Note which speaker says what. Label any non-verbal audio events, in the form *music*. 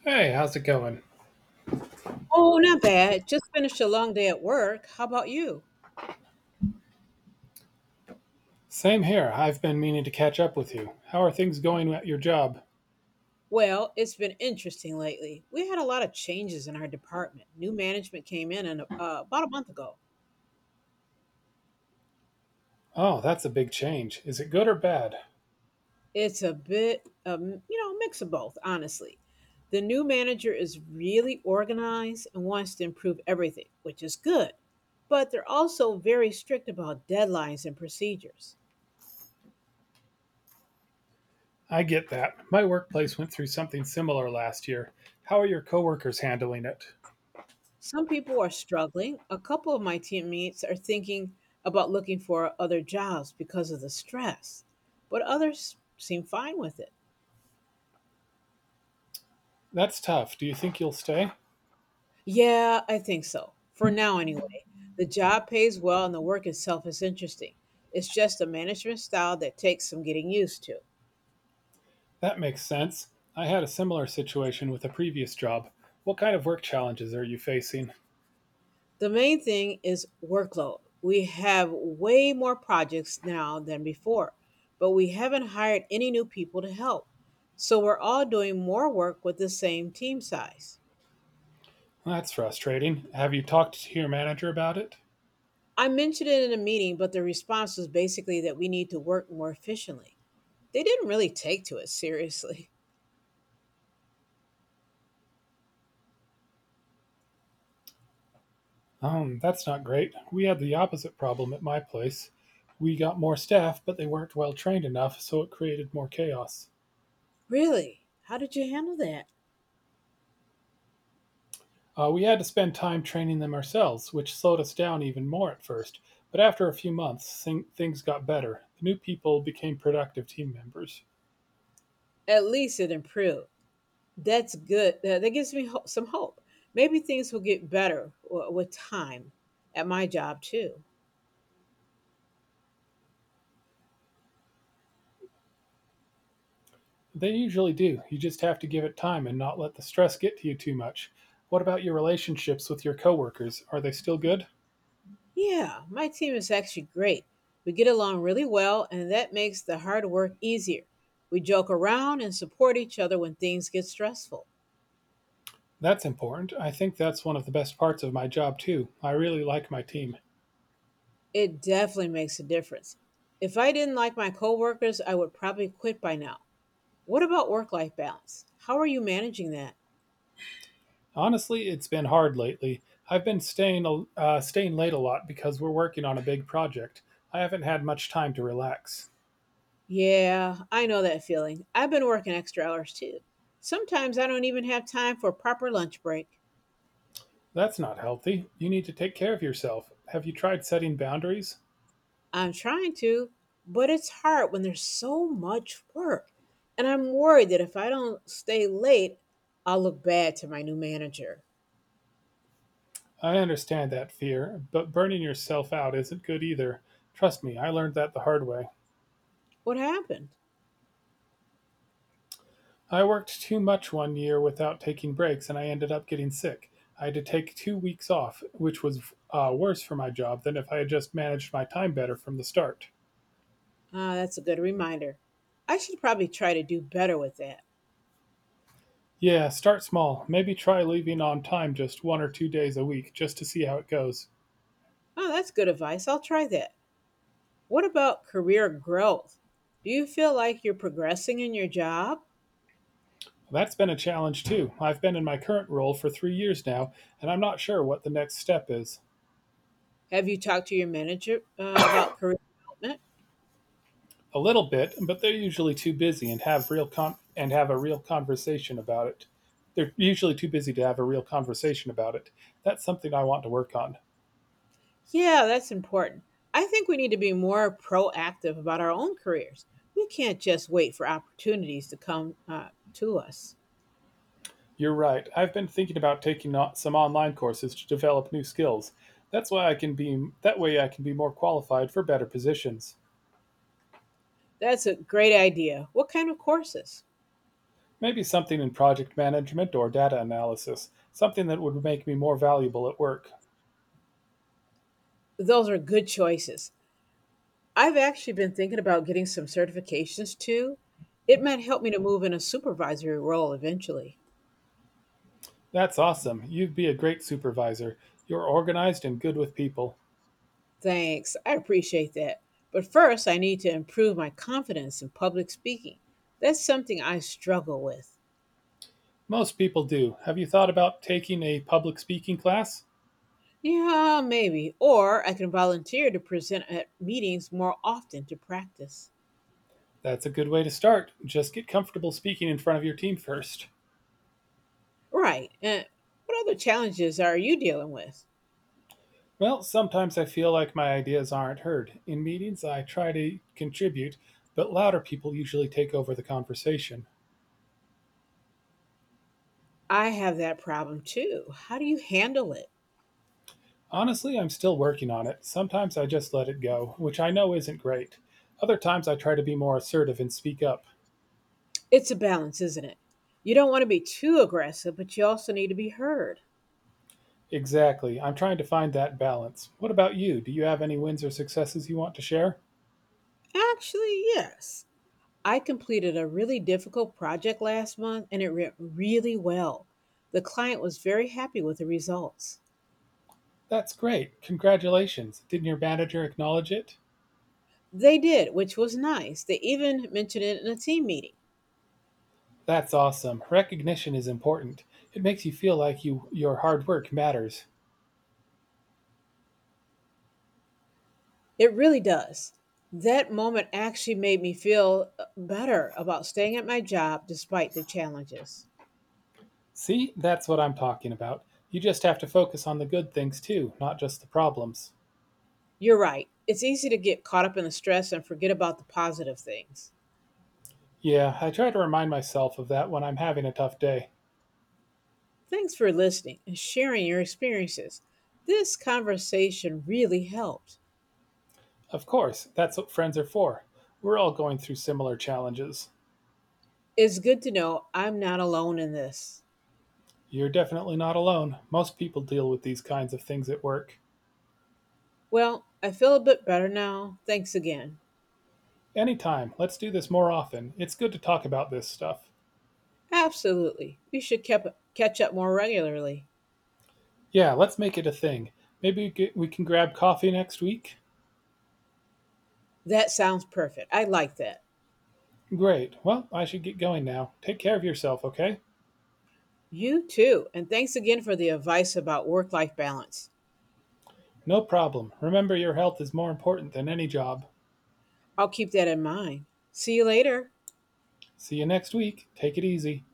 Speaker 1: Hey, how's it going?
Speaker 2: Oh, not bad. Just finished a long day at work. How about you?
Speaker 1: Same here. I've been meaning to catch up with you. How are things going at your job?
Speaker 2: Well, it's been interesting lately. We had a lot of changes in our department. New management came in and, about a month ago.
Speaker 1: Oh, that's a big change. Is it good or bad?
Speaker 2: It's a bit, a mix of both, honestly. The new manager is really organized and wants to improve everything, which is good. But they're also very strict about deadlines and procedures.
Speaker 1: I get that. My workplace went through something similar last year. How are your coworkers handling it?
Speaker 2: Some people are struggling. A couple of my teammates are thinking about looking for other jobs because of the stress, but others seem fine with it.
Speaker 1: That's tough. Do you think you'll stay?
Speaker 2: Yeah, I think so. For now, anyway. The job pays well and the work itself is interesting. It's just a management style that takes some getting used to.
Speaker 1: That makes sense. I had a similar situation with a previous job. What kind of work challenges are you facing?
Speaker 2: The main thing is workload. We have way more projects now than before, but we haven't hired any new people to help. So we're all doing more work with the same team size.
Speaker 1: That's frustrating. Have you talked to your manager about it?
Speaker 2: I mentioned it in a meeting, but the response was basically that we need to work more efficiently. They didn't really take to it seriously. *laughs*
Speaker 1: That's not great. We had the opposite problem at my place. We got more staff, but they weren't well trained enough, so it created more chaos.
Speaker 2: Really? How did you handle that?
Speaker 1: We had to spend time training them ourselves, which slowed us down even more at first. But after a few months, things got better. The new people became productive team members.
Speaker 2: At least it improved. That's good. That gives me some hope. Maybe things will get better with time at my job, too.
Speaker 1: They usually do. You just have to give it time and not let the stress get to you too much. What about your relationships with your coworkers? Are they still good?
Speaker 2: Yeah, my team is actually great. We get along really well, and that makes the hard work easier. We joke around and support each other when things get stressful.
Speaker 1: That's important. I think that's one of the best parts of my job, too. I really like my team.
Speaker 2: It definitely makes a difference. If I didn't like my coworkers, I would probably quit by now. What about work life balance? How are you managing that?
Speaker 1: Honestly, it's been hard lately. I've been staying late a lot because we're working on a big project. I haven't had much time to relax.
Speaker 2: Yeah, I know that feeling. I've been working extra hours too. Sometimes I don't even have time for a proper lunch break.
Speaker 1: That's not healthy. You need to take care of yourself. Have you tried setting boundaries?
Speaker 2: I'm trying to, but it's hard when there's so much work. And I'm worried that if I don't stay late, I'll look bad to my new manager.
Speaker 1: I understand that fear, but burning yourself out isn't good either. Trust me, I learned that the hard way.
Speaker 2: What happened?
Speaker 1: I worked too much 1 year without taking breaks and I ended up getting sick. I had to take 2 weeks off, which was worse for my job than if I had just managed my time better from the start.
Speaker 2: Ah, that's a good reminder. I should probably try to do better with that.
Speaker 1: Yeah, start small. Maybe try leaving on time just 1 or 2 days a week just to see how it goes.
Speaker 2: Oh, that's good advice. I'll try that. What about career growth? Do you feel like you're progressing in your job?
Speaker 1: That's been a challenge too. I've been in my current role for 3 years now, and I'm not sure what the next step is.
Speaker 2: Have you talked to your manager about career development?
Speaker 1: A little bit, but they're usually too busy and have real con- and have a real conversation about it. They're usually too busy to have a real conversation about it. That's something I want to work on.
Speaker 2: Yeah, that's important. I think we need to be more proactive about our own careers. We can't just wait for opportunities to come to us.
Speaker 1: You're right. I've been thinking about taking on some online courses to develop new skills. That way I can be more qualified for better positions.
Speaker 2: That's a great idea. What kind of courses?
Speaker 1: Maybe something in project management or data analysis, something that would make me more valuable at work.
Speaker 2: Those are good choices. I've actually been thinking about getting some certifications too. It might help me to move in a supervisory role eventually.
Speaker 1: That's awesome. You'd be a great supervisor. You're organized and good with people.
Speaker 2: Thanks. I appreciate that. But first, I need to improve my confidence in public speaking. That's something I struggle with.
Speaker 1: Most people do. Have you thought about taking a public speaking class?
Speaker 2: Yeah, maybe. Or I can volunteer to present at meetings more often to practice.
Speaker 1: That's a good way to start. Just get comfortable speaking in front of your team first.
Speaker 2: Right. And what other challenges are you dealing with?
Speaker 1: Well, sometimes I feel like my ideas aren't heard. In meetings, I try to contribute, but louder people usually take over the conversation.
Speaker 2: I have that problem too. How do you handle it?
Speaker 1: Honestly, I'm still working on it. Sometimes I just let it go, which I know isn't great. Other times I try to be more assertive and speak up.
Speaker 2: It's a balance, isn't it? You don't want to be too aggressive, but you also need to be heard.
Speaker 1: Exactly. I'm trying to find that balance. What about you? Do you have any wins or successes you want to share?
Speaker 2: Actually, yes. I completed a really difficult project last month and it went really well. The client was very happy with the results.
Speaker 1: That's great. Congratulations. Didn't your manager acknowledge it?
Speaker 2: They did, which was nice. They even mentioned it in a team meeting.
Speaker 1: That's awesome. Recognition is important. It makes you feel like your hard work matters.
Speaker 2: It really does. That moment actually made me feel better about staying at my job despite the challenges.
Speaker 1: See? That's what I'm talking about. You just have to focus on the good things too, not just the problems.
Speaker 2: You're right. It's easy to get caught up in the stress and forget about the positive things.
Speaker 1: Yeah, I try to remind myself of that when I'm having a tough day.
Speaker 2: Thanks for listening and sharing your experiences. This conversation really helped.
Speaker 1: Of course, that's what friends are for. We're all going through similar challenges.
Speaker 2: It's good to know I'm not alone in this.
Speaker 1: You're definitely not alone. Most people deal with these kinds of things at work.
Speaker 2: Well, I feel a bit better now. Thanks again.
Speaker 1: Anytime, let's do this more often. It's good to talk about this stuff.
Speaker 2: Absolutely. Catch up more regularly.
Speaker 1: Yeah, let's make it a thing. Maybe we can grab coffee next week?
Speaker 2: That sounds perfect. I like that.
Speaker 1: Great. Well, I should get going now. Take care of yourself, okay?
Speaker 2: You too. And thanks again for the advice about work life balance.
Speaker 1: No problem. Remember, your health is more important than any job.
Speaker 2: I'll keep that in mind. See you later.
Speaker 1: See you next week. Take it easy.